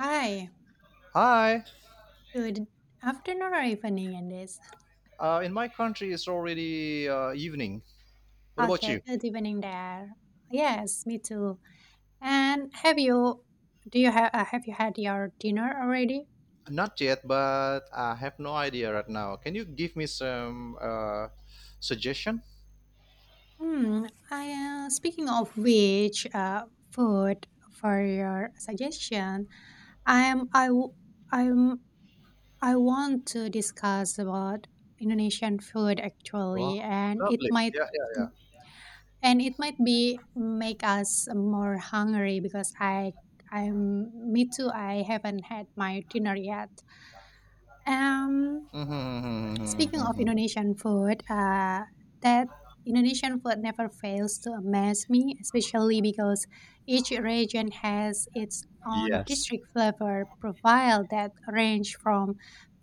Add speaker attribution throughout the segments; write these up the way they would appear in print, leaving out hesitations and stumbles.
Speaker 1: Hi,
Speaker 2: Hi.
Speaker 1: good afternoon or evening in this.
Speaker 2: In my country, it's already evening. What about
Speaker 1: Okay,
Speaker 2: you?
Speaker 1: good evening there. Yes, me too. And have you do you have Have you had your dinner already?
Speaker 2: Not yet, but I have no idea right now. Can you give me some suggestion?
Speaker 1: Hmm. I Speaking of which, food for your suggestion, I am I w- I'm I want to discuss about Indonesian food
Speaker 2: Wow,
Speaker 1: actually, and it
Speaker 2: lovely.
Speaker 1: might.
Speaker 2: Yeah, yeah, yeah.
Speaker 1: And it might be make us more hungry because I'm me too, I haven't had my dinner yet. Um Speaking of
Speaker 2: Mhm.
Speaker 1: Indonesian food, that Indonesian food never fails to amaze me, especially because each region has its own
Speaker 2: Yes.
Speaker 1: district flavor profile that range from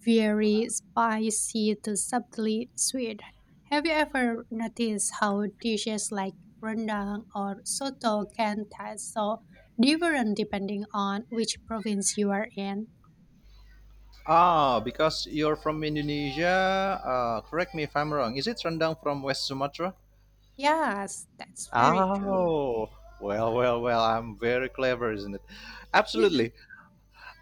Speaker 1: very spicy to subtly sweet. Have you ever noticed how dishes like rendang or soto can taste so different depending on which province you are in?
Speaker 2: Ah, because you're from Indonesia. Correct me if I'm wrong. Is it rendang from West Sumatra?
Speaker 1: Yes, that's very true.
Speaker 2: Oh, well, well, well. I'm very clever, isn't it? Absolutely.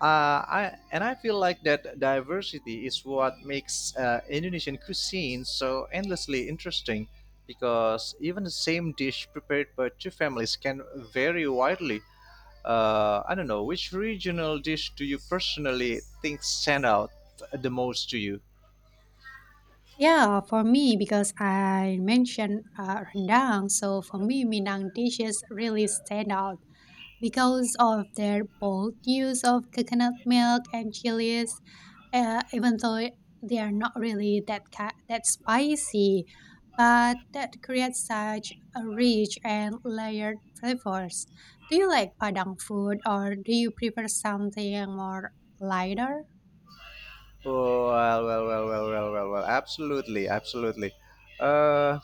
Speaker 2: And I feel like that diversity is what makes Indonesian cuisine so endlessly interesting, because even the same dish prepared by two families can vary widely. I don't know, which regional dish do you personally think stand out the most to you?
Speaker 1: Yeah, for me, because I mentioned rendang, so for me, Minang dishes really stand out because of their bold use of coconut milk and chilies, even though they are not really that spicy, but that creates such a rich and layered flavors. Do you like Padang food or do you prefer something more lighter?
Speaker 2: Oh, well, well, well, well, well, well, well, well, absolutely, absolutely. Uh,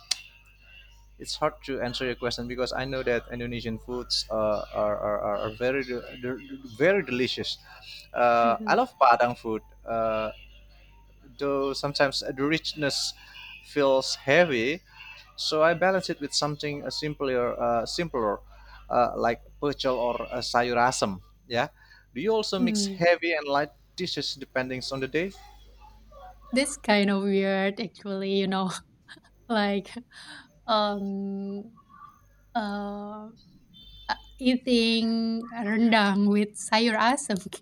Speaker 2: it's hard to answer your question, because I know that Indonesian foods are very very delicious. I
Speaker 1: Mhm.
Speaker 2: love Padang food, uh, though sometimes the richness feels heavy. So I balance it with something simpler, like pecel or sayur asam. Yeah. Do you also mix
Speaker 1: Mm.
Speaker 2: heavy and light dishes depending on the day?
Speaker 1: This kind of weird actually, like um uh eating rendang with sayur asam.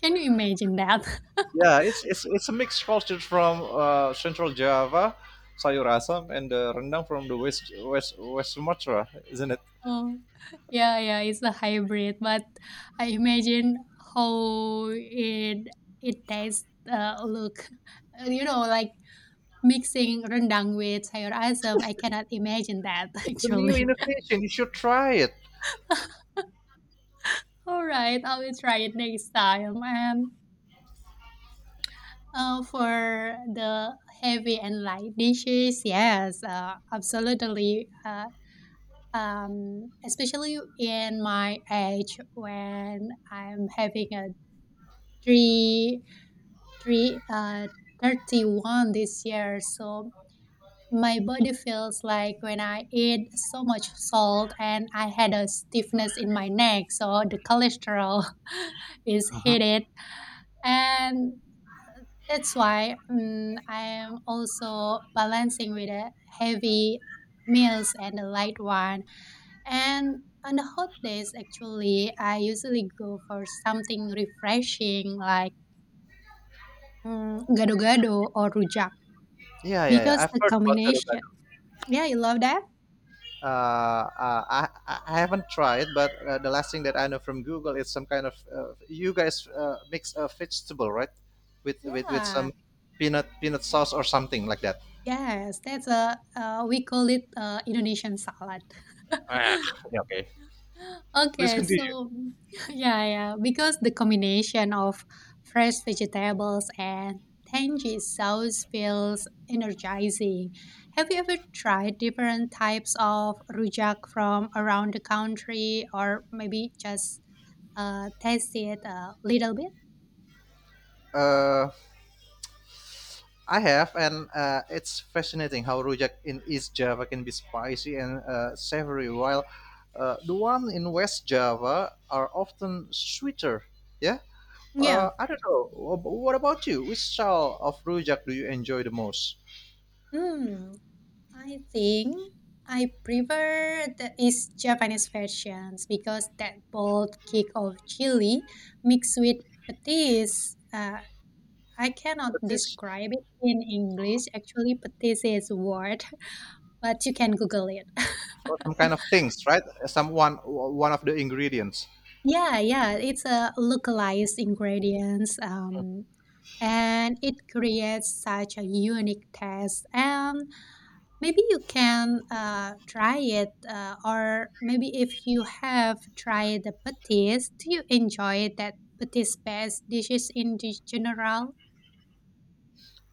Speaker 1: Can you imagine that?
Speaker 2: Yeah, it's a mixed culture from Central Java, sayur asam, and rendang from the West Sumatra, isn't it?
Speaker 1: Oh, yeah, yeah, it's a hybrid, but I imagine how it tastes look. You know, like mixing rendang with sayur asam, I cannot imagine that
Speaker 2: It's a new
Speaker 1: actually.
Speaker 2: innovation. You should try it.
Speaker 1: All right, I will try it next time. And for the heavy and light dishes, yes, absolutely. Especially in my age when I'm having a three, three, uh, 31 this year. So my body feels like when I eat so much salt and I had a stiffness in my neck. So the cholesterol is
Speaker 2: Mhm.
Speaker 1: heated. And that's why I am also balancing with a heavy meals and a light one. And on the hot days, actually, I usually go for something refreshing like gado-gado or rujak
Speaker 2: Yeah, yeah, yeah.
Speaker 1: because
Speaker 2: I've
Speaker 1: the
Speaker 2: heard about gado
Speaker 1: combination.
Speaker 2: gado.
Speaker 1: Yeah, you love that?
Speaker 2: Uh, uh, I I haven't tried, but the last thing that I know from Google is some kind of you guys mix a vegetable, right? With
Speaker 1: Yeah.
Speaker 2: some peanut sauce or something like that.
Speaker 1: Yes, that's a we call it Indonesian salad.
Speaker 2: Yeah, okay. Please
Speaker 1: Okay,
Speaker 2: continue.
Speaker 1: so yeah, yeah, because the combination of fresh vegetables and tangy sauce feels energizing. Have you ever tried different types of rujak from around the country, or maybe just taste it a little bit?
Speaker 2: Uh, I have, and it's fascinating how rujak in East Java can be spicy and savory, while the one in West Java are often sweeter. Yeah,
Speaker 1: Yeah.
Speaker 2: I don't know. What about you? Which style of rujak do you enjoy the most?
Speaker 1: Hmm, I think I prefer the East Japanese versions because that bold kick of chili mixed with patis. I cannot
Speaker 2: But this
Speaker 1: describe it in English. Actually, patis is a word, but you can Google it.
Speaker 2: or some kind of things, right? Some one one of the ingredients.
Speaker 1: Yeah, yeah, it's a localized ingredients. And it creates such a unique taste. And maybe you can try it, or maybe if you have tried the patis, do you enjoy that patis based dishes in general?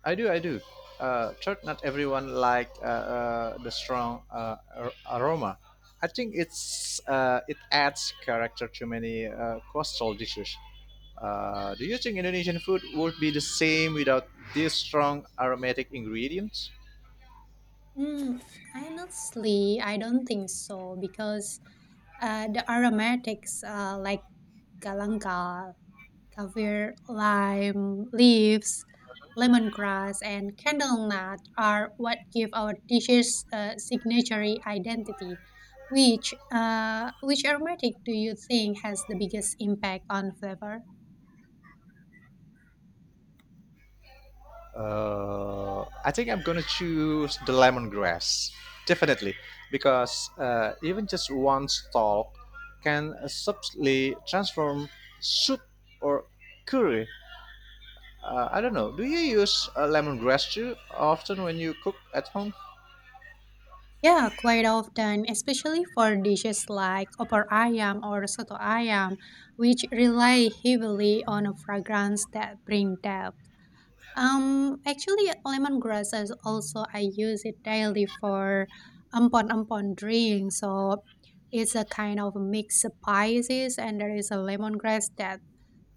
Speaker 2: I do, I do. Third, not everyone like the strong aroma. I think it's it adds character to many coastal dishes. Do you think Indonesian food would be the same without these strong aromatic ingredients?
Speaker 1: Mm, honestly, I don't think so because the aromatics like galangal, Kaffir lime leaves, lemongrass, and candlenut are what give our dishes a signature identity. Which aromatic do you think has the biggest impact on flavor?
Speaker 2: I think I'm gonna choose the lemongrass, definitely, because even just one stalk can subtly transform soup or curry. I don't know. Do you use lemongrass too often when you cook at home?
Speaker 1: Yeah, quite often, especially for dishes like opor ayam or soto ayam, which rely heavily on a fragrance that bring depth. Actually, lemongrass is also I use it daily for ampon ampon drink. So it's a kind of mixed spices, and there is a lemongrass that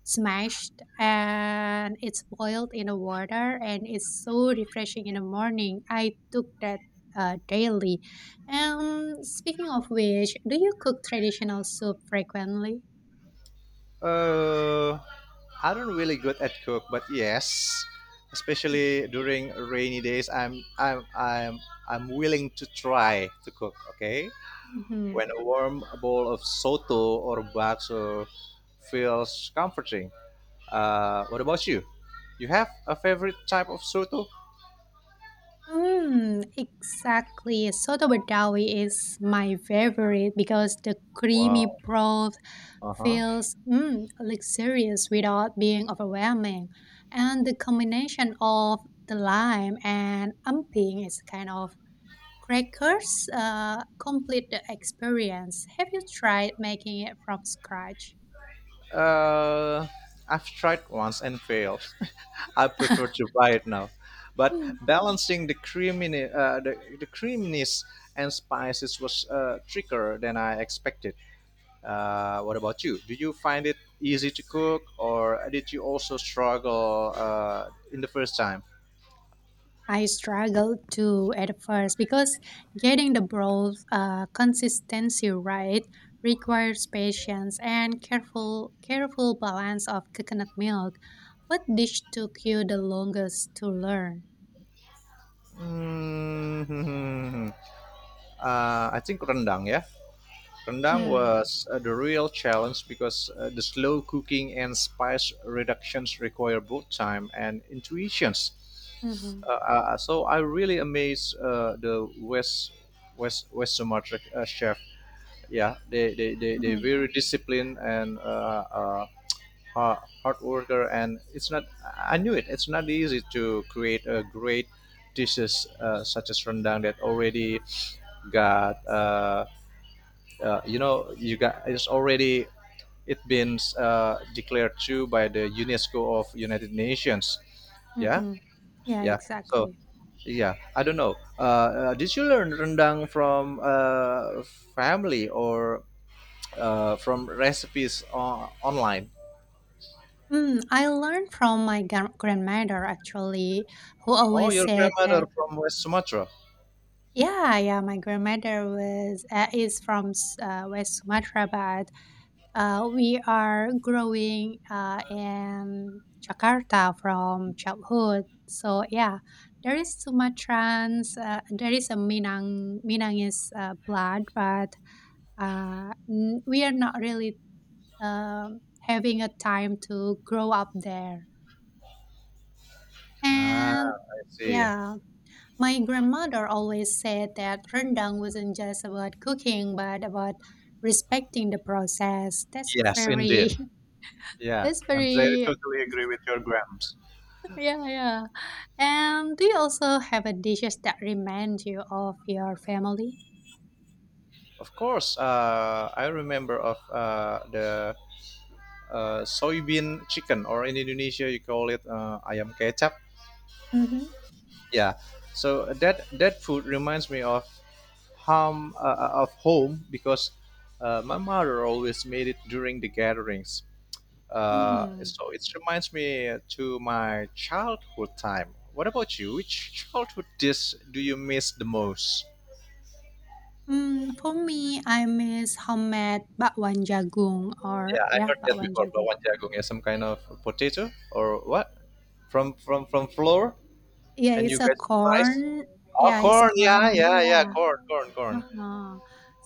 Speaker 1: smashed and it's boiled in the water, and it's so refreshing in the morning. I took that daily. Speaking of which, do you cook traditional soup frequently?
Speaker 2: Uh, I don't really good at cook, but yes, especially during rainy days, I'm willing to try to cook. Okay,
Speaker 1: Mhm.
Speaker 2: when a warm bowl of soto or bakso feels comforting. What about you? You have a favorite type of soto?
Speaker 1: Mm, exactly. Soto Badawi is my favorite because the creamy
Speaker 2: Wow.
Speaker 1: broth
Speaker 2: Uh huh.
Speaker 1: feels luxurious without being overwhelming. And the combination of the lime and amping is kind of crackers complete the experience. Have you tried making it from scratch?
Speaker 2: Uh, I've tried once and failed. I prefer to buy it now. But
Speaker 1: Hmm.
Speaker 2: balancing the creaminess, the creaminess and spices was trickier than I expected. What about you? Do you find it easy to cook, or did you also struggle in the first time?
Speaker 1: I struggled too at first because getting the broth consistency right requires patience and careful balance of coconut milk. What dish took you the longest to learn?
Speaker 2: Hmm, I think rendang, yeah. Rendang
Speaker 1: Mm,
Speaker 2: was the real challenge because the slow cooking and spice reductions require both time and intuitions.
Speaker 1: mm-hmm,
Speaker 2: So I really amazed the West Sumatra chef. Yeah, they
Speaker 1: mm-hmm,
Speaker 2: very disciplined and hard, hard worker, and it's not. I knew it. It's not easy to create a great dishes such as rendang that already got. You know you got it's already it been declared to by the UNESCO of United Nations. Yeah,
Speaker 1: mm-hmm. Yeah,
Speaker 2: yeah. So
Speaker 1: exactly.
Speaker 2: yeah, I don't know. Did you learn rendang from family or from recipes online?
Speaker 1: Mm, I learned from my grandmother actually, who
Speaker 2: Oh,
Speaker 1: always
Speaker 2: your
Speaker 1: said
Speaker 2: grandmother
Speaker 1: that.
Speaker 2: from West Sumatra.
Speaker 1: Yeah, yeah. My grandmother was is from West Sumatra, but we are growing in Jakarta from childhood. So yeah, there is Sumatrans. There is a Minang. Minang is blood, but we are not really um having a time to grow up there.
Speaker 2: Ah,
Speaker 1: And
Speaker 2: I see.
Speaker 1: yeah, my grandmother always said that rendang wasn't just about cooking, but about respecting the process. That's a
Speaker 2: Yes,
Speaker 1: very.
Speaker 2: indeed. Yeah,
Speaker 1: That's
Speaker 2: I'm very
Speaker 1: very.
Speaker 2: totally agree with your grams.
Speaker 1: Yeah, yeah. And do you also have a dishes that remind you of your family?
Speaker 2: Of course, I remember of the soybean chicken, or in Indonesia you call it ayam kecap.
Speaker 1: Mm-hmm.
Speaker 2: Yeah. So that food reminds me of home because my mother always made it during the gatherings.
Speaker 1: Hmm.
Speaker 2: So it reminds me to my childhood time. What about you? Which childhood dish do you miss the most?
Speaker 1: Hmm. For me, I miss homemade bakwan jagung or
Speaker 2: Yeah, I
Speaker 1: yeah,
Speaker 2: heard that
Speaker 1: bakwan
Speaker 2: before.
Speaker 1: jagung.
Speaker 2: Bawang jagung is some kind of potato or what? From flour
Speaker 1: Yeah,
Speaker 2: and
Speaker 1: it's
Speaker 2: you
Speaker 1: a
Speaker 2: guys fries.
Speaker 1: corn.
Speaker 2: Oh,
Speaker 1: Yeah, it's
Speaker 2: corn. Yeah,
Speaker 1: corn.
Speaker 2: yeah, yeah.
Speaker 1: Yeah.
Speaker 2: Corn, corn, corn.
Speaker 1: Uh-huh.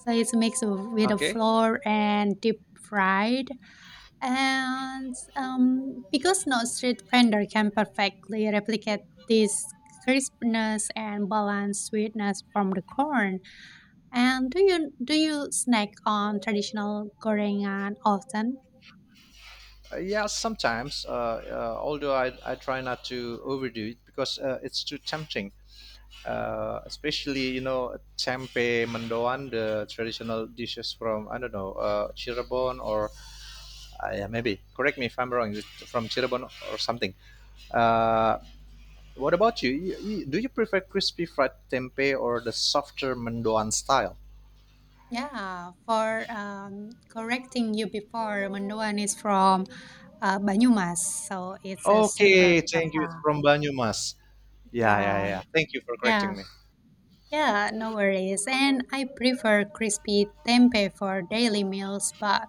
Speaker 1: So it's mixed with a
Speaker 2: Okay.
Speaker 1: flour and deep fried. And because no street vendor can perfectly replicate this crispness and balanced sweetness from the corn. And do you snack on traditional gorengan often?
Speaker 2: Yeah, sometimes. Although I try not to overdo it because it's too tempting. Especially you know tempe, mendoan, the traditional dishes from I don't know Cirebon or yeah, maybe. Correct me if I'm wrong. It's from Cirebon or something. Uh, what about you? Do you prefer crispy fried tempeh or the softer mendoan style?
Speaker 1: Yeah, for correcting you before, Manduan is from Banyumas, so it's a Central
Speaker 2: Okay, thank you. It's
Speaker 1: Java.
Speaker 2: from Banyumas. Yeah, yeah,
Speaker 1: Yeah,
Speaker 2: yeah. Thank you for
Speaker 1: yeah,
Speaker 2: correcting me.
Speaker 1: yeah, no worries. And I prefer crispy tempeh for daily meals, but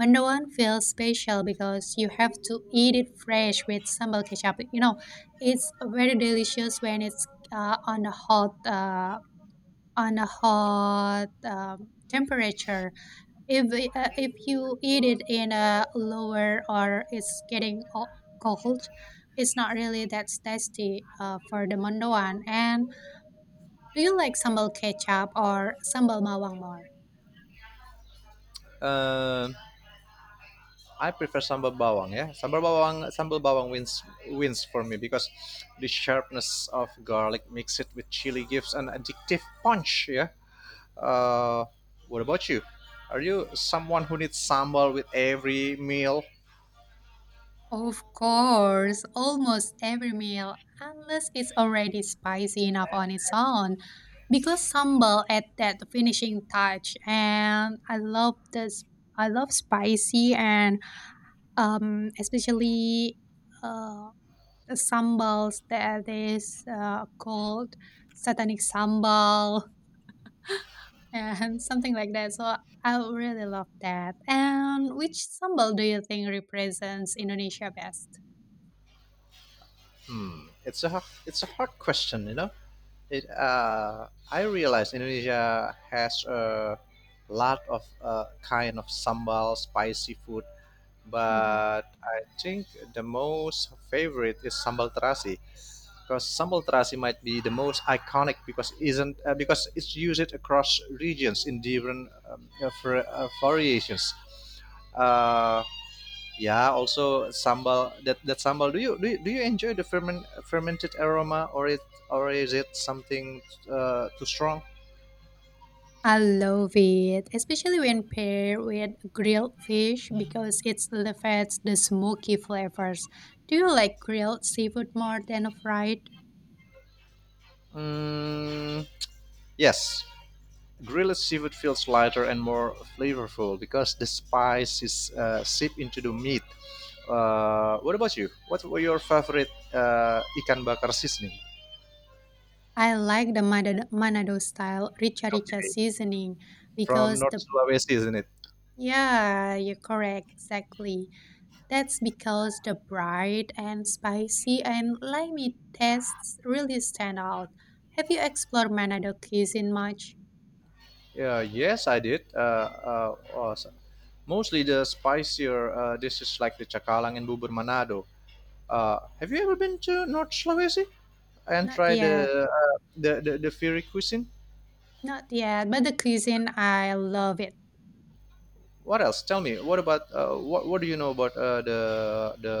Speaker 1: Manduan feels special because you have to eat it fresh with sambal ketchup. You know, it's very delicious when it's uh, on a hot uh, on a hot temperature. If you eat it in a lower or it's getting cold, it's not really that tasty for the mendoan. And do you like sambal ketchup or sambal mawang more?
Speaker 2: Um, I prefer sambal bawang. Yeah, sambal bawang wins for me, because the sharpness of garlic mixed with chili gives an addictive punch. Yeah. Uh, what about you? Are you someone who needs sambal with every meal?
Speaker 1: Of course, almost every meal unless it's already spicy enough on its own, because sambal add that finishing touch. And I love spicy, and especially uh sambals that is called satanic sambal and something like that. So I really love that. And which sambal do you think represents Indonesia best?
Speaker 2: Hmm. It's a hot, it's a hard question, you know. It I realize Indonesia has a lot of kind of sambal, spicy food,
Speaker 1: Mhm.
Speaker 2: but I think the most favorite is sambal terasi, because sambal terasi might be the most iconic because isn't because it's used across regions in different variations. Uh, yeah, also sambal. That that sambal. Do you enjoy the fermented aroma, or it or is it something too strong?
Speaker 1: I love it, especially when paired with grilled fish because it elevates the smoky flavors. Do you like grilled seafood more than fried?
Speaker 2: Mm, yes, grilled seafood feels lighter and more flavorful because the spice is seep into the meat. What about you? What were your favorite ikan bakar seasoning
Speaker 1: I like the Manado style rica rica seasoning
Speaker 2: from
Speaker 1: because
Speaker 2: North
Speaker 1: the.
Speaker 2: Sulawesi? Isn't it?
Speaker 1: Yeah, you're correct. Exactly. That's because the bright and spicy and limey tastes really stand out. Have you explored Manado cuisine much?
Speaker 2: Yeah, yes, I did. Mostly the spicier dishes like the cakalang and bubur manado. Have you ever been to North Sulawesi and
Speaker 1: Not
Speaker 2: tried
Speaker 1: yet.
Speaker 2: the the fiery cuisine?
Speaker 1: Not yet. But the cuisine, I love it.
Speaker 2: What else? Tell me. What about what do you know about the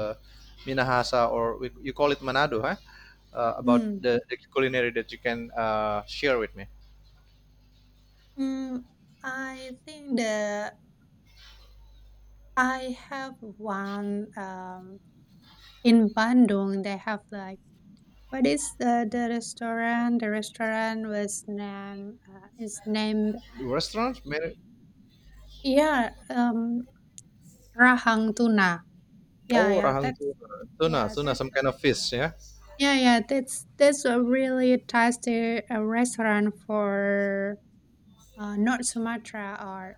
Speaker 2: Minahasa, or we, you call it Manado, huh? About
Speaker 1: Mm.
Speaker 2: the culinary that you can share with me.
Speaker 1: Mm, I think the I have one in Bandung. They have like what is the restaurant? The restaurant was named is named,
Speaker 2: Restaurant?
Speaker 1: yeah, Rahang tuna. Yeah,
Speaker 2: Oh,
Speaker 1: yeah,
Speaker 2: rahang tuna, tuna,
Speaker 1: yeah,
Speaker 2: tuna,
Speaker 1: that's
Speaker 2: some kind of fish, yeah.
Speaker 1: that's a really tasty restaurant for North Sumatra or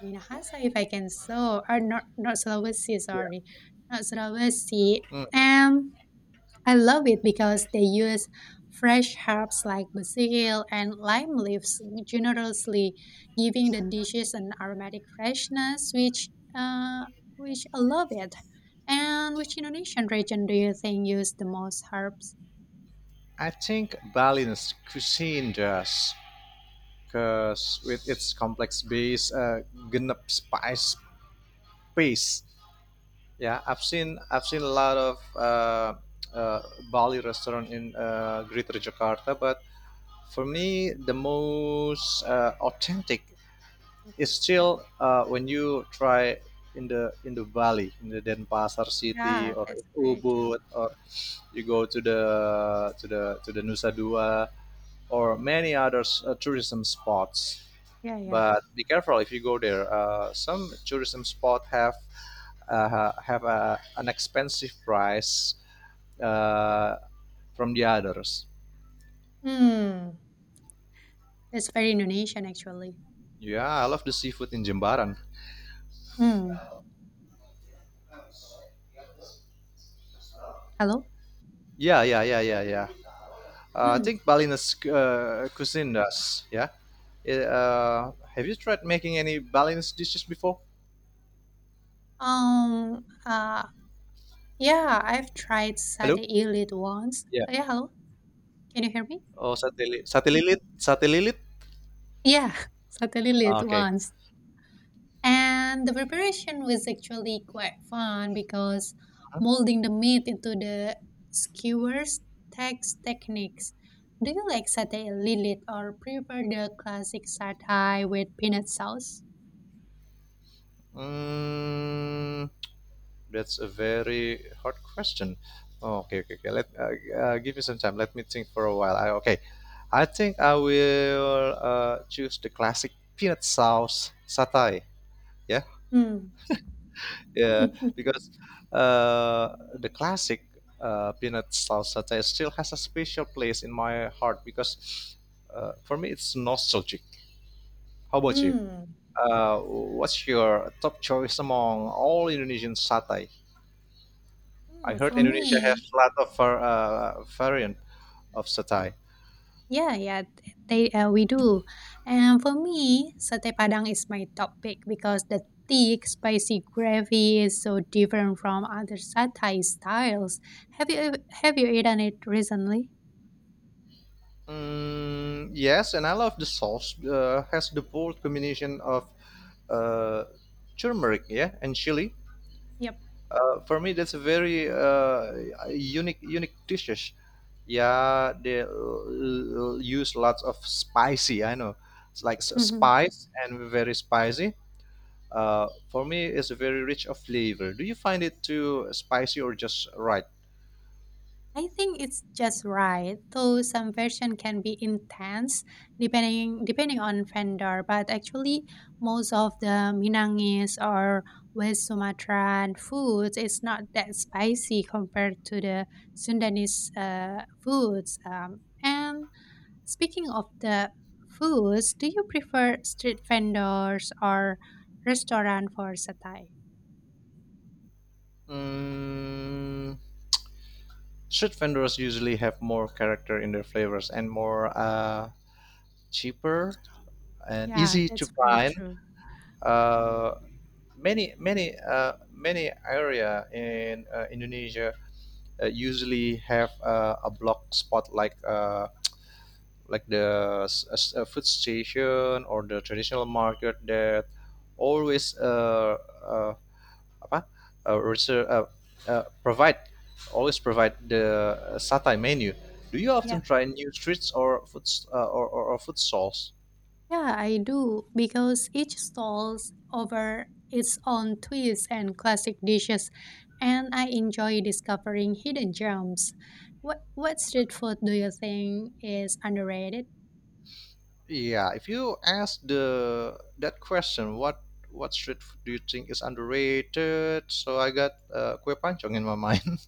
Speaker 1: Minahasa, if I can so, or North Sulawesi,
Speaker 2: Yeah.
Speaker 1: sorry, North Sulawesi.
Speaker 2: Mm.
Speaker 1: Um, I love it because they use fresh herbs like basil and lime leaves generously, giving the dishes an aromatic freshness, which I love it. And which Indonesian region do you think use the most herbs?
Speaker 2: I think Balinese cuisine does, because with its complex base, ganap spice base. Yeah, I've seen a lot of uh, Bali restaurant in Greater Jakarta, but for me, the most authentic is
Speaker 1: Mhm.
Speaker 2: still when you try in the Bali, in the Denpasar city
Speaker 1: Yeah,
Speaker 2: or
Speaker 1: that's
Speaker 2: in
Speaker 1: very true.
Speaker 2: Ubud, or you go to the Nusa Dua or many other tourism spots.
Speaker 1: Yeah, yeah.
Speaker 2: But be careful if you go there. Some tourism spot have a, an expensive price uh, from the others.
Speaker 1: Hmm, that's very Indonesian actually.
Speaker 2: Yeah, I love the seafood in Jembaran.
Speaker 1: Hmm. Hello.
Speaker 2: Yeah, yeah, yeah, yeah, yeah. I
Speaker 1: Hmm.
Speaker 2: think Balinese cuisine does. Yeah. Have you tried making any Balinese dishes before?
Speaker 1: Um. Uh. Yeah, I've tried
Speaker 2: Hello.
Speaker 1: satay ilit once.
Speaker 2: Yeah.
Speaker 1: Yeah. Hello. Can you hear me?
Speaker 2: Oh, sate lilit. Sate lilit.
Speaker 1: Yeah, certainly
Speaker 2: Ah,
Speaker 1: late
Speaker 2: okay.
Speaker 1: once. And the preparation was actually quite fun because molding the meat into the skewers takes techniques. Do you like satay lilit or prefer the classic satay with peanut sauce?
Speaker 2: Mm, that's a very hard question. Oh, okay, okay, okay. Let give me some time. Let me think for a while. Okay, I think I will choose the classic peanut sauce satay. Yeah,
Speaker 1: Hmm.
Speaker 2: yeah, because the classic peanut sauce satay still has a special place in my heart because for me it's nostalgic. How about you?
Speaker 1: Hmm.
Speaker 2: What's your top choice among all Indonesian satay? I
Speaker 1: Hmm,
Speaker 2: heard
Speaker 1: for
Speaker 2: Indonesia
Speaker 1: me.
Speaker 2: has a lot of variant of satay.
Speaker 1: Yeah, yeah, th- they we do. And for me, satay padang is my top pick because the thick, spicy gravy is so different from other satay styles. Have you eaten it recently?
Speaker 2: Mm, yes, and I love the sauce. Has the bold combination of uh, turmeric, yeah, and chili.
Speaker 1: Yep.
Speaker 2: For me, that's a very unique dishes. Yeah, they use lots of spicy. I know, it's like
Speaker 1: Mm-hmm.
Speaker 2: spice and very spicy. For me, it's very rich of flavor. Do you find it too spicy or just right?
Speaker 1: I think it's just right, though some version can be intense depending on vendor, but actually most of the Minangis or West Sumatran foods is not that spicy compared to the Sundanese foods. And speaking of the foods, do you prefer street vendors or restaurant for satay?
Speaker 2: Mm, street vendors usually have more character in their flavors and more cheaper and
Speaker 1: Yeah,
Speaker 2: easy to
Speaker 1: that's very
Speaker 2: find.
Speaker 1: true.
Speaker 2: Uh, many area in Indonesia usually have a block spot like the food station or the traditional market that always uh, apa reser- provide always provide the satay menu. Do you often
Speaker 1: Yeah.
Speaker 2: try new streets or food or food stalls?
Speaker 1: Yeah, I do, because each stalls over its own twists and classic dishes, and I enjoy discovering hidden gems. What street food do you think is underrated?
Speaker 2: Yeah, if you ask the that question, what street food do you think is underrated? So I got kue pancong in my mind.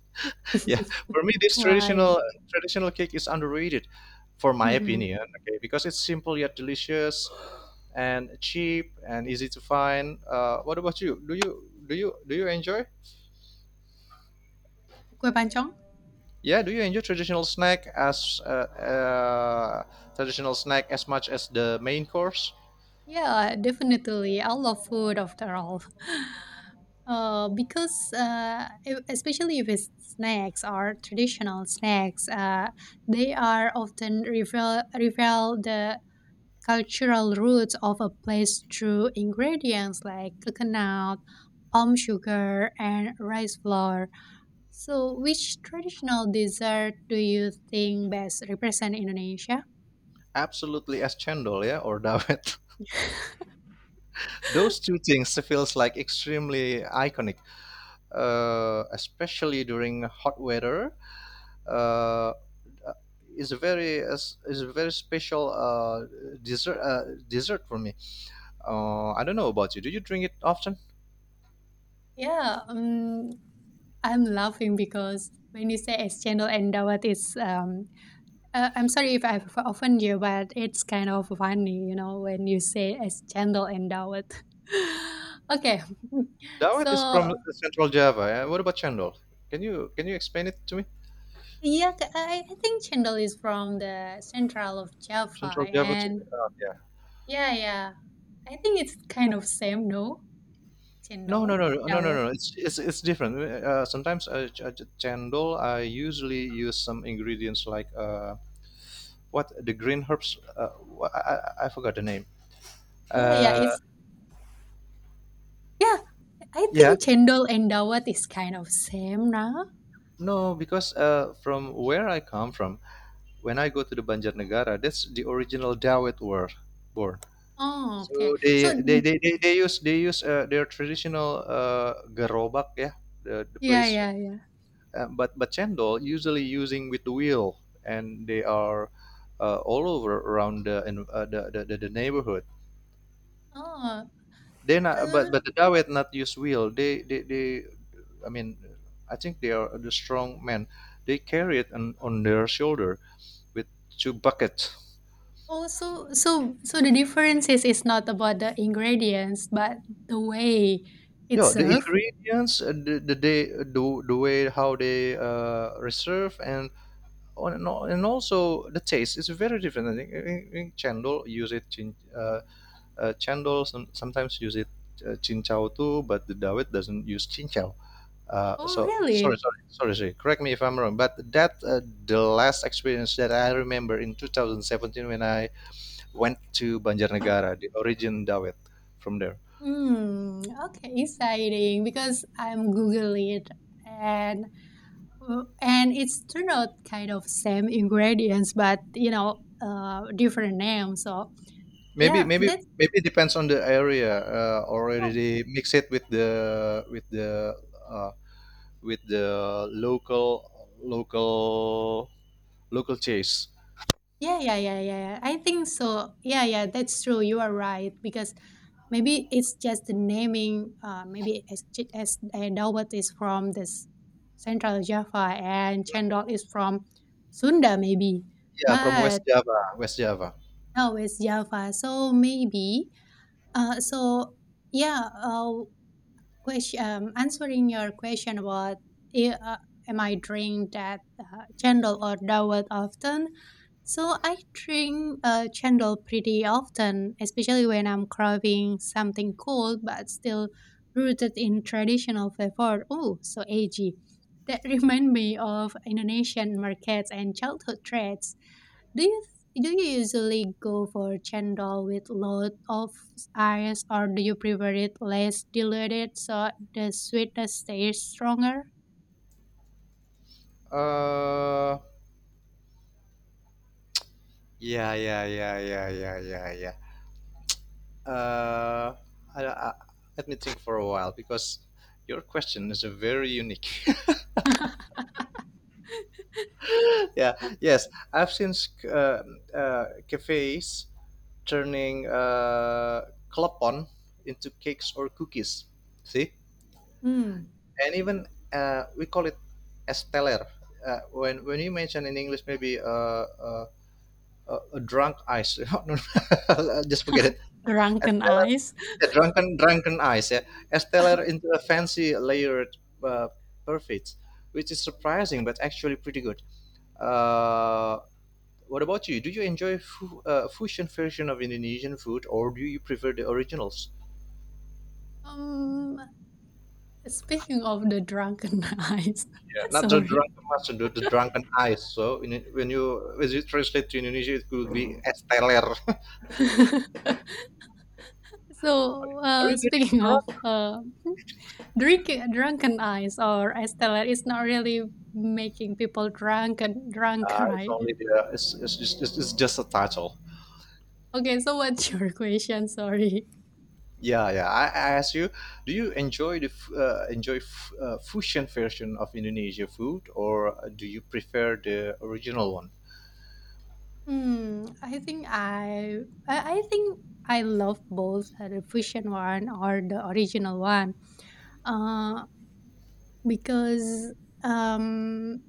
Speaker 2: Yeah, for me, this
Speaker 1: Why?
Speaker 2: traditional cake is underrated, for my
Speaker 1: Mm-hmm.
Speaker 2: opinion. Okay, because it's simple yet delicious, and cheap and easy to find. What about you? Do you enjoy?
Speaker 1: Kue pancong?
Speaker 2: Yeah, do you enjoy traditional snack as much as the main course?
Speaker 1: Yeah, definitely. I love food after all. Because especially if it's snacks or traditional snacks, they are often reveal the cultural roots of a place through ingredients like coconut, palm sugar, and rice flour. So, which traditional dessert do you think best represent Indonesia?
Speaker 2: Absolutely, as chendol, yeah, or dawet. Those two things feels like extremely iconic, especially during hot weather uh, is a very special dessert dessert for me. I don't know about you. Do you drink it often?
Speaker 1: Yeah, I'm laughing because when you say es cendol and dawet, it's I'm sorry if I've offended you, but it's kind of funny, you know, when you say es cendol and dawet. Okay,
Speaker 2: Dawet is
Speaker 1: so.
Speaker 2: from Central Java, eh? What about chendol? Can you explain it to me?
Speaker 1: Yeah, I think chendol is from the central of Java,
Speaker 2: Central Java too?
Speaker 1: and
Speaker 2: Yeah.
Speaker 1: yeah, yeah, I think it's kind of same, no?
Speaker 2: No, no,
Speaker 1: Chendol,
Speaker 2: no, no, no, no,
Speaker 1: dawat.
Speaker 2: no. It's different. Sometimes chendol, I usually use some ingredients like what the green herbs. Wh- I, I forgot the name.
Speaker 1: Yeah, yeah,
Speaker 2: Uh,
Speaker 1: it's yeah. I
Speaker 2: yeah,
Speaker 1: think chendol and dawat is kind of same now.
Speaker 2: No, because from where I come from, when I go to the Banjarnegara, that's the original Dawood were born.
Speaker 1: Oh, okay.
Speaker 2: So
Speaker 1: So
Speaker 2: they use their traditional garobak, yeah, the
Speaker 1: yeah,
Speaker 2: place.
Speaker 1: yeah, yeah.
Speaker 2: But cendol usually using with the wheel, and they are all over around the in, the neighborhood.
Speaker 1: Oh,
Speaker 2: They not,
Speaker 1: uh,
Speaker 2: but the Dawet not use wheel. I mean, I think they are the strong men. They carry it on their shoulder with 2 buckets.
Speaker 1: oh, so the difference is it's not about the ingredients, but the way it's
Speaker 2: Yeah, the
Speaker 1: served.
Speaker 2: ingredients, the they the way how they reserve and on and and also the taste is very different. I think cendol use it cendol sometimes use it cincau too, but the Dawit doesn't use cincau.
Speaker 1: Oh,
Speaker 2: So sorry,
Speaker 1: really?
Speaker 2: sorry, sorry, sorry. Correct me if I'm wrong, but that the last experience that I remember in 2017 when I went to Banjarnegara, the origin Dawit from there.
Speaker 1: Hmm, okay, exciting because I'm googling it and and it's turned out kind of same ingredients but different name so
Speaker 2: maybe
Speaker 1: yeah
Speaker 2: maybe
Speaker 1: that's.
Speaker 2: maybe depends on the area,
Speaker 1: yeah
Speaker 2: already mix it with the uh, with the local local local cheese.
Speaker 1: yeah, I think so, yeah, yeah. That's true, you are right because maybe it's just the naming, maybe as Ch- as Dawat is from this Central Java and Chendol is from Sunda maybe
Speaker 2: Yeah, from
Speaker 1: but
Speaker 2: west java.
Speaker 1: Oh, it's Java. So maybe, uh, so yeah, uh, question, answering your question about i- uh, am I drink that chendol or dawet often? So I drink chendol pretty often, especially when I'm craving something cold but still rooted in traditional flavor. Oh, so edgy. That remind me of Indonesian markets and childhood trends. Do you do you usually go for chendol with lot of ice, or do you prefer it less diluted so the sweetness stays stronger?
Speaker 2: Uh yeah yeah yeah yeah yeah yeah yeah uh I, I, let me think for a while because your question is a very unique. Yeah, yes. I've seen uh, cafes turning klepon into cakes or cookies. See, and even we call it esteller. When you mention in English, maybe uh, a drunk ice. No, no, just forget it.
Speaker 1: Drunken
Speaker 2: Esteller,
Speaker 1: eyes.
Speaker 2: the drunken ice. Yeah, esteller into a fancy layered uh, perfect, which is surprising but actually pretty good. Uh, What about you? Do you enjoy fusion version of Indonesian food, or do you prefer the originals?
Speaker 1: Um, Speaking of the drunken eyes,
Speaker 2: Yeah. Not the
Speaker 1: sorry.
Speaker 2: drunken master, the drunken eyes. So in, when you translate to Indonesia, it could be esteler.
Speaker 1: so,
Speaker 2: Are you getting
Speaker 1: speaking of
Speaker 2: drunk?
Speaker 1: drinking drunken eyes or Estella, it's not really making people drunk and drunk,
Speaker 2: It's
Speaker 1: right?
Speaker 2: only the it's just a title.
Speaker 1: Okay, so what's your question? Sorry.
Speaker 2: I ask you, do you enjoy the fusion version of Indonesia food, or do you prefer the original one?
Speaker 1: Hmm, I think I think I love both, the fusion one or the original one. Uh, because um,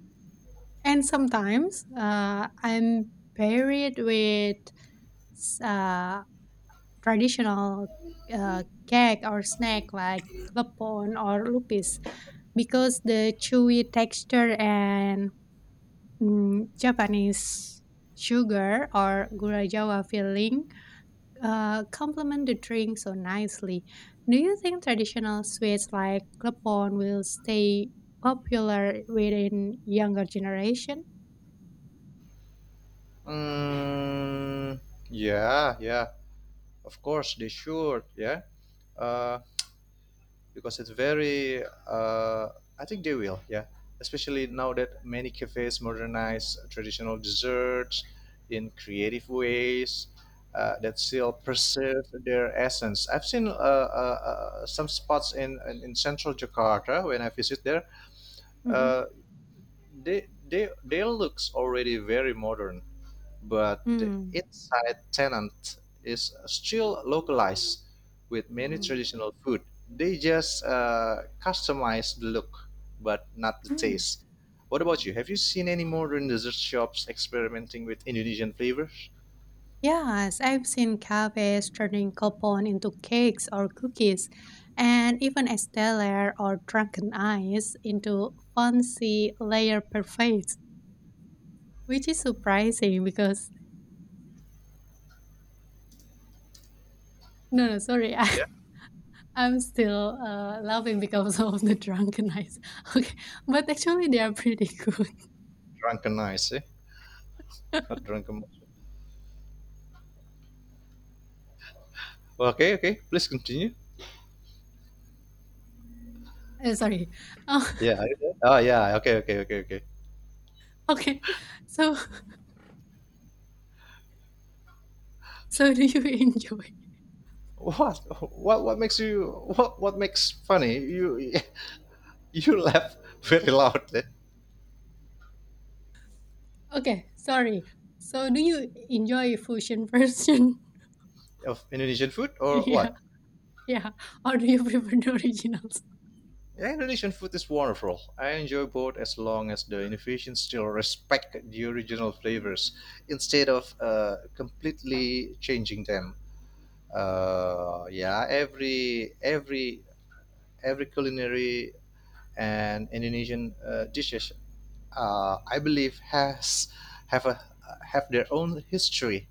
Speaker 1: and sometimes I'm paired with s- uh, traditional uh, cake or snack like klepon or lupis because the chewy texture and mm, Japanese sugar or gura jawa filling complement the drink so nicely. Do you think traditional sweets like klepon will stay popular within younger generation?
Speaker 2: Mm, yeah, yeah. Of course, they should. Yeah, uh, because it's very. I think they will. Yeah, especially now that many cafes modernize traditional desserts in creative ways that still preserve their essence. I've seen some spots in, in central Jakarta when I visit there.
Speaker 1: Hmm.
Speaker 2: Uh, they looks already very modern but the
Speaker 1: Mm.
Speaker 2: inside tenant is still localized with many
Speaker 1: Mm.
Speaker 2: traditional food. They just customize the look, but not the
Speaker 1: Mm.
Speaker 2: taste. What about you? Have you seen any modern dessert shops experimenting with Indonesian flavors?
Speaker 1: Yes, I've seen cafes turning klepon into cakes or cookies, and even estelle or Drunken Eyes into fancy layer parfaits, which is surprising because. No, no, sorry.
Speaker 2: Yeah,
Speaker 1: I'm still laughing because of the drunken eyes. Okay, but actually they are pretty good.
Speaker 2: drunken ice, eh? Not drunken. Okay, okay. Please continue.
Speaker 1: Sorry. Oh,
Speaker 2: Yeah. Are you there? Oh, yeah. Okay, okay, okay, okay.
Speaker 1: okay. So so do you enjoy?
Speaker 2: What? What? What makes you? What? What makes funny? You? You laugh very loud.
Speaker 1: Okay, sorry. So do you enjoy fusion version?
Speaker 2: Of Indonesian food or
Speaker 1: Yeah,
Speaker 2: what?
Speaker 1: yeah. Or do you prefer the originals?
Speaker 2: Yeah, Indonesian food is wonderful. I enjoy both as long as the innovations still respect the original flavors instead of completely changing them. Every every culinary and Indonesian dishes, I believe, has have a have their own history.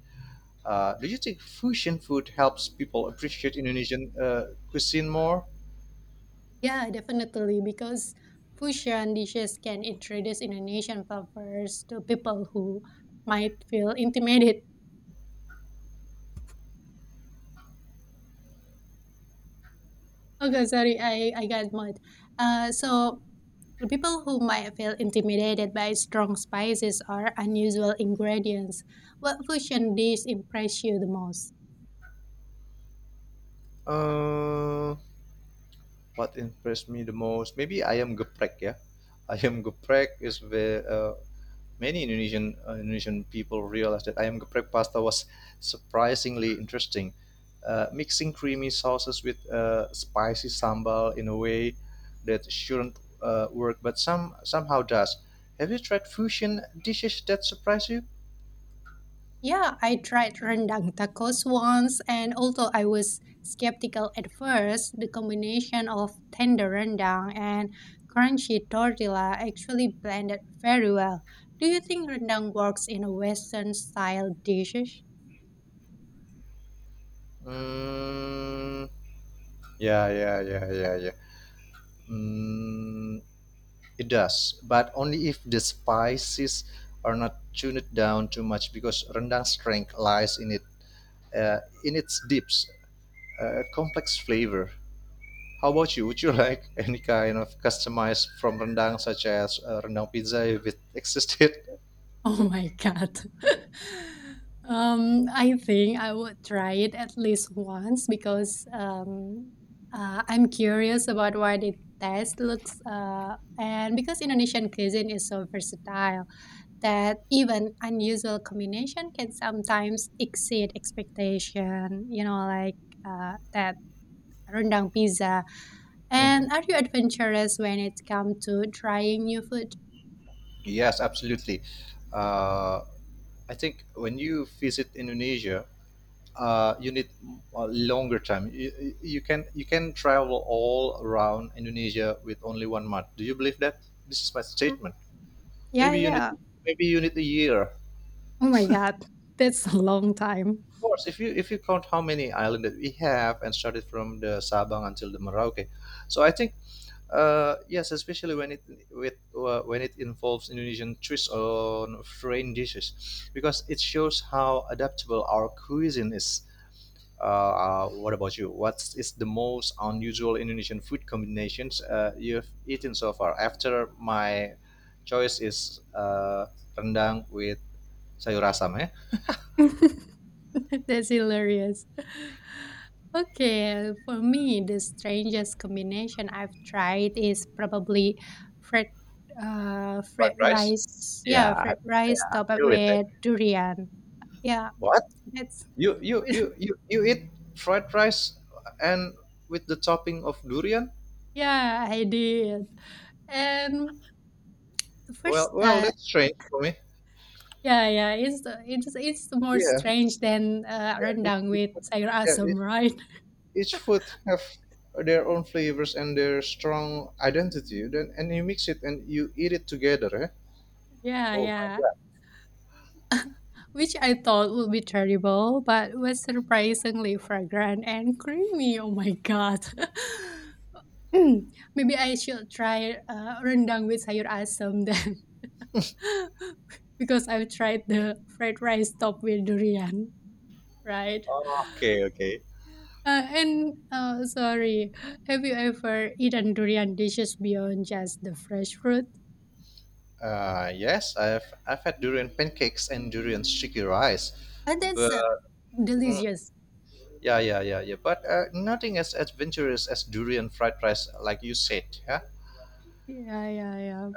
Speaker 2: Do you think fusion food helps people appreciate Indonesian cuisine more?
Speaker 1: Yeah, definitely because fusion dishes can introduce Indonesian flavors to people who might feel intimidated. Okay, sorry. I got mad. So, the people who might feel intimidated by strong spices or unusual ingredients, what fusion dish impressed you the most?
Speaker 2: Uh, What impressed me the most, maybe ayam geprek ya. Ayam geprek is where many Indonesian Indonesian people realized that ayam geprek pasta was surprisingly interesting. Mixing creamy sauces with spicy sambal in a way that shouldn't work, but somehow does. Have you tried fusion dishes that surprise you?
Speaker 1: Yeah, I tried rendang tacos once, and although I was skeptical at first, the combination of tender rendang and crunchy tortilla actually blended very well. Do you think rendang works in a Western style dishes?
Speaker 2: Mm, yeah, yeah, yeah, yeah, yeah. Mm, It does, but only if the spices are not tuned down too much, because rendang's strength lies in it, in its dips, complex flavor. How about you? Would you like any kind of customized from rendang, such as rendang pizza, if it existed?
Speaker 1: Oh my god. I think I would try it at least once because I'm curious about why the taste looks, and because Indonesian cuisine is so versatile that even unusual combination can sometimes exceed expectation. You know, like that rendang pizza. And
Speaker 2: Mhm.
Speaker 1: are you adventurous when it comes to trying new food?
Speaker 2: Yes, absolutely. Uh, I think when you visit Indonesia, you need a longer time. You Can travel all around Indonesia with only 1 month? Do you believe that? This is my
Speaker 1: Mm.
Speaker 2: statement.
Speaker 1: Yeah,
Speaker 2: Maybe you need
Speaker 1: yeah.
Speaker 2: maybe you need a year.
Speaker 1: Oh my god, that's a long time.
Speaker 2: Of course, if you count how many islands that we have and started from the Sabang until the Merauke, so I think yes, especially when it with when it involves Indonesian twists on foreign dishes, because it shows how adaptable our cuisine is. What about you? What is the most unusual Indonesian food combinations you've eaten so far? After my choice is rendang with sayur asam, eh?
Speaker 1: That's hilarious. Okay, for me, the strangest combination I've tried is probably fried,
Speaker 2: Fried
Speaker 1: fried
Speaker 2: rice?
Speaker 1: rice.
Speaker 2: Yeah,
Speaker 1: Yeah,
Speaker 2: I
Speaker 1: fried rice topped up
Speaker 2: knew it,
Speaker 1: with
Speaker 2: eh.
Speaker 1: durian. Yeah,
Speaker 2: What?
Speaker 1: that's
Speaker 2: You you you you you eat fried rice and with the topping of durian?
Speaker 1: yeah, I did. And first,
Speaker 2: Well, well,
Speaker 1: uh,
Speaker 2: that's strange for me.
Speaker 1: yeah, yeah, it's more
Speaker 2: Yeah,
Speaker 1: strange than
Speaker 2: yeah,
Speaker 1: rendang
Speaker 2: it's
Speaker 1: with sayur
Speaker 2: yeah,
Speaker 1: asam,
Speaker 2: it's
Speaker 1: right?
Speaker 2: Each food have their own flavors and their strong identity. Then and you mix it and you eat it together. Eh?
Speaker 1: Yeah,
Speaker 2: Oh
Speaker 1: yeah.
Speaker 2: my.
Speaker 1: Which I thought would be terrible, but was surprisingly fragrant and creamy. Oh my god. Mm, maybe I should try rendang with sayur asam then, because I've tried the fried rice topped with durian, right?
Speaker 2: Oh, okay, okay.
Speaker 1: And Sorry, have you ever eaten durian dishes beyond just the fresh fruit?
Speaker 2: Yes, I've had durian pancakes and durian sticky rice,
Speaker 1: And that's
Speaker 2: but mm,
Speaker 1: delicious.
Speaker 2: yeah, yeah, yeah, yeah. But nothing as adventurous as durian fried rice, like you said. Yeah,
Speaker 1: Yeah, yeah, yeah.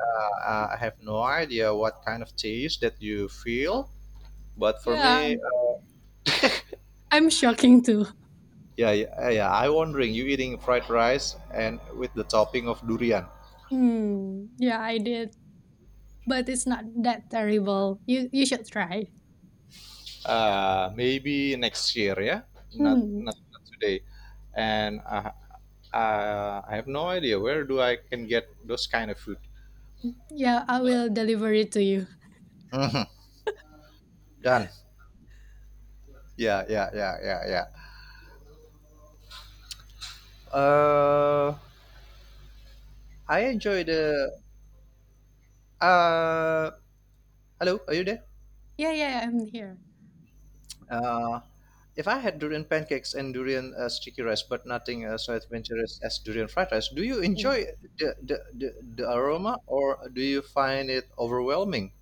Speaker 2: I have no idea what kind of taste that you feel, but for
Speaker 1: Yeah,
Speaker 2: me,
Speaker 1: I'm shocking too.
Speaker 2: yeah, yeah, yeah. I wondering you eating fried rice and with the topping of durian.
Speaker 1: Hmm. Yeah, I did. But it's not that terrible. You should try.
Speaker 2: Uh, maybe next year. Yeah,
Speaker 1: Hmm.
Speaker 2: not today. And I have no idea where do I can get those kind of food.
Speaker 1: Yeah, I will deliver it to you.
Speaker 2: Mhm. Done. Yeah, yeah, yeah, yeah, yeah. Uh, I enjoy the. Uh, hello, are you there?
Speaker 1: Yeah, yeah, I'm here.
Speaker 2: Uh, if I had durian pancakes and durian sticky rice, but nothing so adventurous as durian fried rice, do you
Speaker 1: Yeah.
Speaker 2: enjoy the the, the, the aroma or do you find it overwhelming?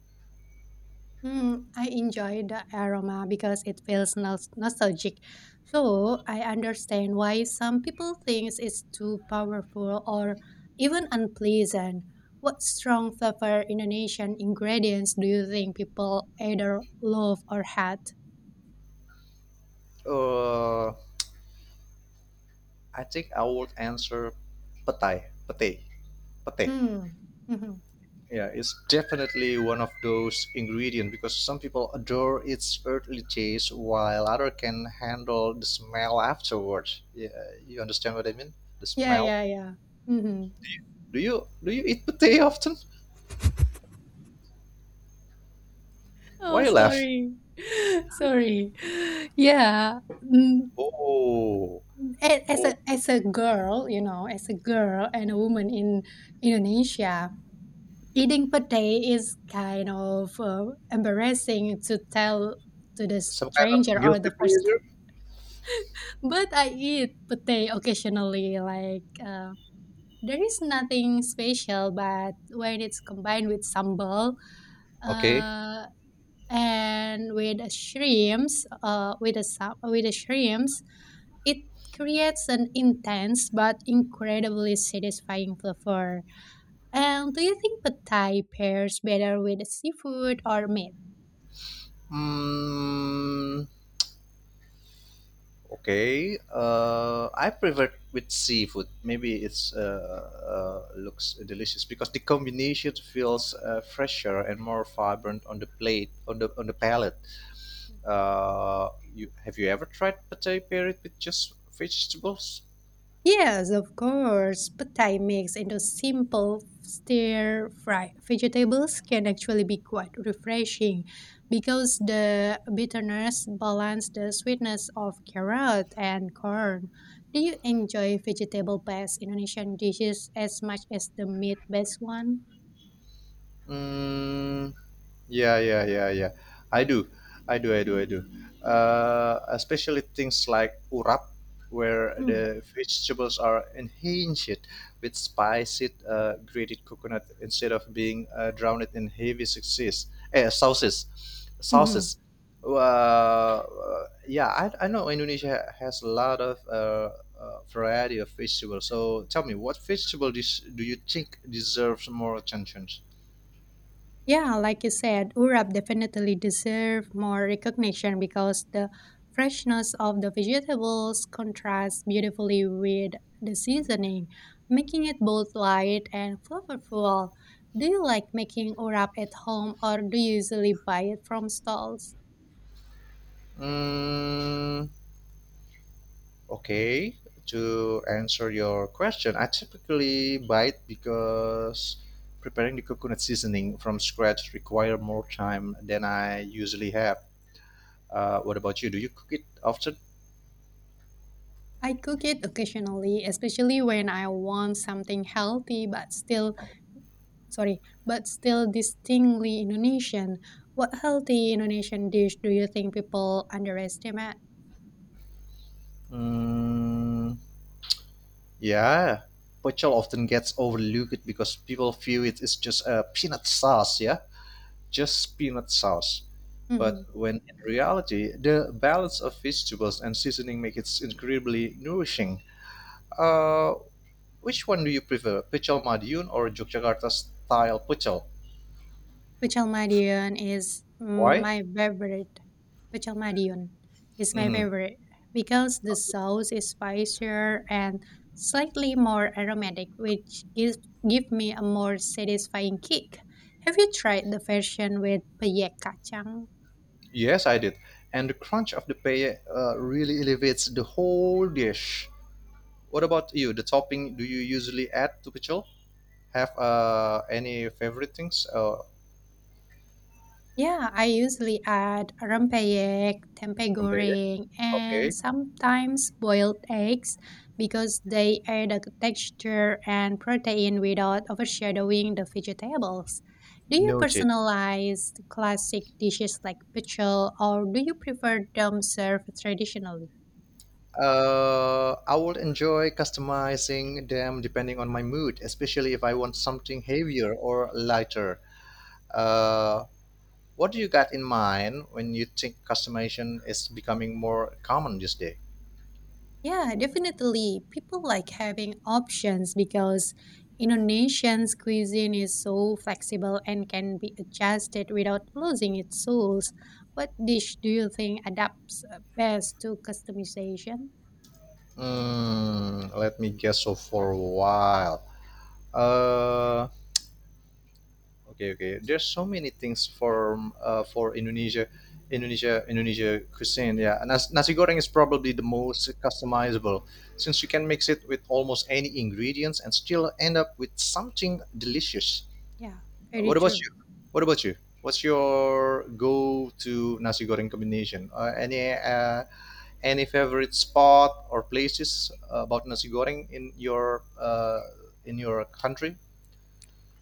Speaker 1: Mm, I enjoy the aroma because it feels nostalgic. So I understand why some people think it's too powerful or even unpleasant. What strong flavor Indonesian ingredients do you think people either love or hate?
Speaker 2: Uh, I think I would answer petai, petai, petai.
Speaker 1: Hmm. Mhm.
Speaker 2: Yeah, it's definitely one of those ingredients because some people adore its earthly taste while other can handle the smell afterwards. Yeah, you understand what I mean? The
Speaker 1: Yeah,
Speaker 2: smell.
Speaker 1: yeah, yeah. Mhm.
Speaker 2: Do you eat petai often?
Speaker 1: Oh,
Speaker 2: Why you laugh?
Speaker 1: sorry. Sorry. Yeah. Mm,
Speaker 2: Oh,
Speaker 1: as a
Speaker 2: oh,
Speaker 1: as a girl, you know, as a girl and a woman in Indonesia, eating pate is kind of embarrassing to tell to the
Speaker 2: some kind of
Speaker 1: stranger or
Speaker 2: guilty
Speaker 1: the first time.
Speaker 2: pleasure.
Speaker 1: But I eat pate occasionally. Like there is nothing special, but when it's combined with sambal,
Speaker 2: Okay.
Speaker 1: uh, and with the shrimps, with the shrimps, it creates an intense but incredibly satisfying flavor. And do you think pad thai pairs better with seafood or meat?
Speaker 2: Hmm. Okay. I prefer with seafood. Maybe it's looks delicious because the combination feels fresher and more vibrant on the plate on the palate. You ever tried pate paired with just vegetables?
Speaker 1: Yes, of course. Pad mixed into simple stir fry vegetables can actually be quite refreshing because the bitterness balance the sweetness of carrot and corn. Do you enjoy vegetable-based Indonesian dishes as much as the meat-based one?
Speaker 2: Mm, yeah, yeah, yeah, yeah. I do, I do. Especially things like urap, where
Speaker 1: Mm.
Speaker 2: the vegetables are enhanced with spicy grated coconut instead of being drowned in heavy sauces.
Speaker 1: Mhm.
Speaker 2: Sauces. Uh, yeah, I know Indonesia has a lot of variety of vegetables. So tell me, what vegetable dish do you think deserves more attention?
Speaker 1: Yeah, like you said, Urap definitely deserve more recognition because the freshness of the vegetables contrasts beautifully with the seasoning, making it both light and flavorful. Do you like making urap at home or do you usually buy it from stalls?
Speaker 2: Mm, okay. To answer your question, I typically buy it because preparing the coconut seasoning from scratch require more time than I usually have. What about you? Do you cook it often?
Speaker 1: I cook it occasionally, especially when I want something healthy but still, sorry, but still distinctly Indonesian. What healthy Indonesian dish do you think people underestimate?
Speaker 2: Mm, yeah. Pochol often gets overlooked because people view it as just a peanut sauce, yeah? Just peanut sauce. But
Speaker 1: Mhm.
Speaker 2: when in reality, the balance of vegetables and seasoning make it incredibly nourishing. Uh, which one do you prefer, pecel Madiun or Yogyakarta style pecel?
Speaker 1: Pecel Madiun is
Speaker 2: Why?
Speaker 1: my favorite. Pecel Madiun is my
Speaker 2: Mhm.
Speaker 1: favorite because the sauce is spicier and slightly more aromatic, which gives give me a more satisfying kick. Have you tried the version with peyek kacang?
Speaker 2: Yes, I did. And the crunch of the pay really elevates the whole dish. What about you? The topping do you usually add to pecel? Have any favorite things
Speaker 1: Yeah, I usually add rempeyek, tempeh
Speaker 2: from pay?
Speaker 1: goreng, and
Speaker 2: Okay,
Speaker 1: sometimes boiled eggs because they add a texture and protein without overshadowing the vegetables. Do you
Speaker 2: noted.
Speaker 1: personalize classic dishes like pecel or do you prefer them served traditionally?
Speaker 2: I will enjoy customizing them depending on my mood, especially if I want something heavier or lighter. Uh, What do you got in mind when you think customization is becoming more common these days?
Speaker 1: Yeah, definitely. People like having options because Indonesian's cuisine is so flexible and can be adjusted without losing its soul. What dish do you think adapts best to customization?
Speaker 2: Mm, let me guess. So for a while, uh, okay, okay. There's so many things for Indonesia cuisine. Yeah, nasi goreng is probably the most customizable, since you can mix it with almost any ingredients and still end up with something delicious.
Speaker 1: Yeah, very
Speaker 2: What about
Speaker 1: true.
Speaker 2: you? What about you? What's your go-to nasi goreng combination? Any favorite spot or places about nasi goreng in your country?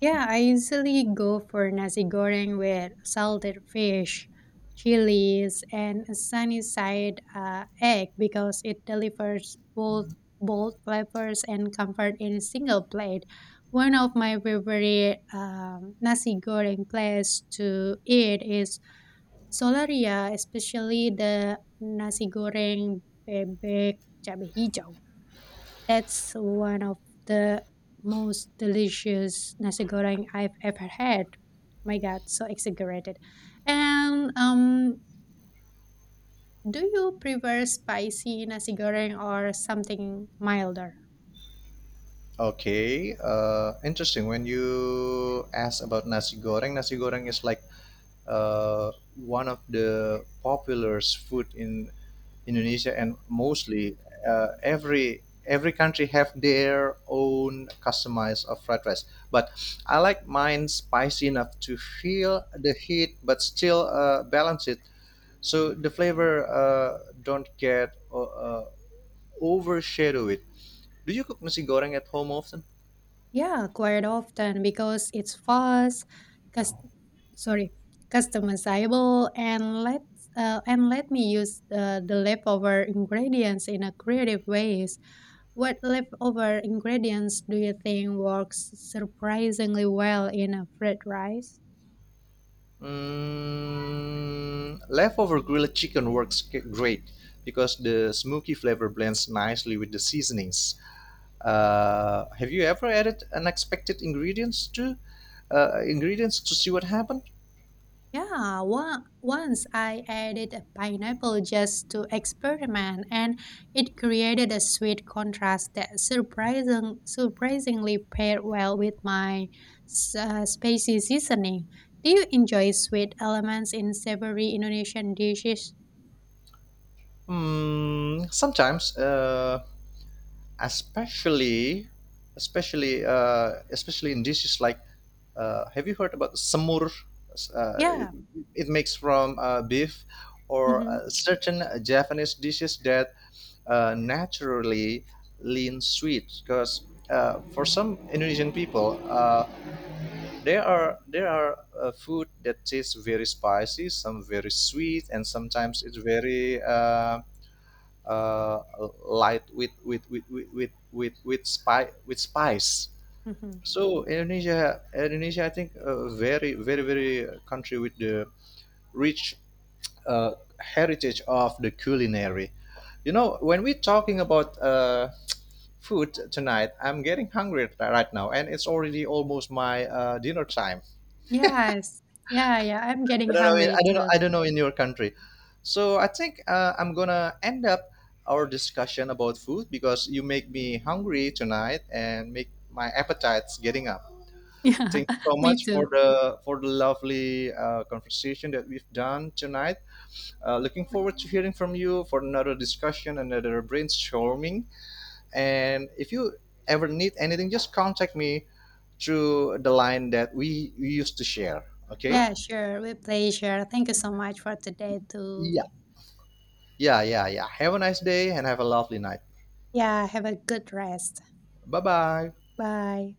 Speaker 1: Yeah, I usually go for nasi goreng with salted fish, chilies, and a sunny side egg because it delivers both bold flavors and comfort in a single plate. One of my favorite nasi goreng place to eat is Solaria, especially the nasi goreng bebek cabe hijau. That's one of the most delicious nasi goreng I've ever had. My God, so exaggerated. And do you prefer spicy nasi goreng or something milder?
Speaker 2: Okay, interesting. When you ask about nasi goreng is like uh, one of the popular food in Indonesia and mostly every country have their own customized of fried rice. But I like mine spicy enough to feel the heat, but still balance it so the flavor don't get overshadow it. Do you cook nasi goreng at home often?
Speaker 1: Yeah, quite often because it's fast, cus- sorry, customizable, and let me use the leftover ingredients in a creative ways. What leftover ingredients do you think works surprisingly well in a fried rice?
Speaker 2: Mm, leftover grilled chicken works great because the smoky flavor blends nicely with the seasonings. Have you ever added unexpected ingredients to ingredients to see what happened?
Speaker 1: Yeah, once I added a pineapple just to experiment, and it created a sweet contrast that surprisingly paired well with my spicy seasoning. Do you enjoy sweet elements in savory Indonesian dishes?
Speaker 2: Hmm, sometimes, especially, especially, especially in dishes like, have you heard about samur? Uh, it,
Speaker 1: Yeah.
Speaker 2: it makes from beef or
Speaker 1: Mm-hmm,
Speaker 2: certain Japanese dishes that naturally lean sweet because for some Indonesian people, there are food that tastes very spicy some very sweet and sometimes it's very uh, light with with spice.
Speaker 1: mm-hmm.
Speaker 2: So indonesia I think a very country with the rich uh, heritage of the culinary. You know, when we're talking about food tonight I'm getting hungry right now and it's already almost my dinner time.
Speaker 1: Yes. Yeah, yeah. I'm getting hungry too.
Speaker 2: I don't know in your country. So I think I'm gonna end up our discussion about food because you make me hungry tonight and make my appetites getting up.
Speaker 1: Yeah,
Speaker 2: Thank you so
Speaker 1: me
Speaker 2: much
Speaker 1: too.
Speaker 2: for the lovely conversation that we've done tonight. Looking forward to hearing from you for another discussion, another brainstorming. And if you ever need anything, just contact me through the line that we used to share. Okay.
Speaker 1: Yeah, sure. With pleasure. Thank you so much for today too.
Speaker 2: Yeah. Yeah, yeah, yeah. Have a nice day and have a lovely night.
Speaker 1: Yeah, have a good rest.
Speaker 2: Bye bye.
Speaker 1: Bye.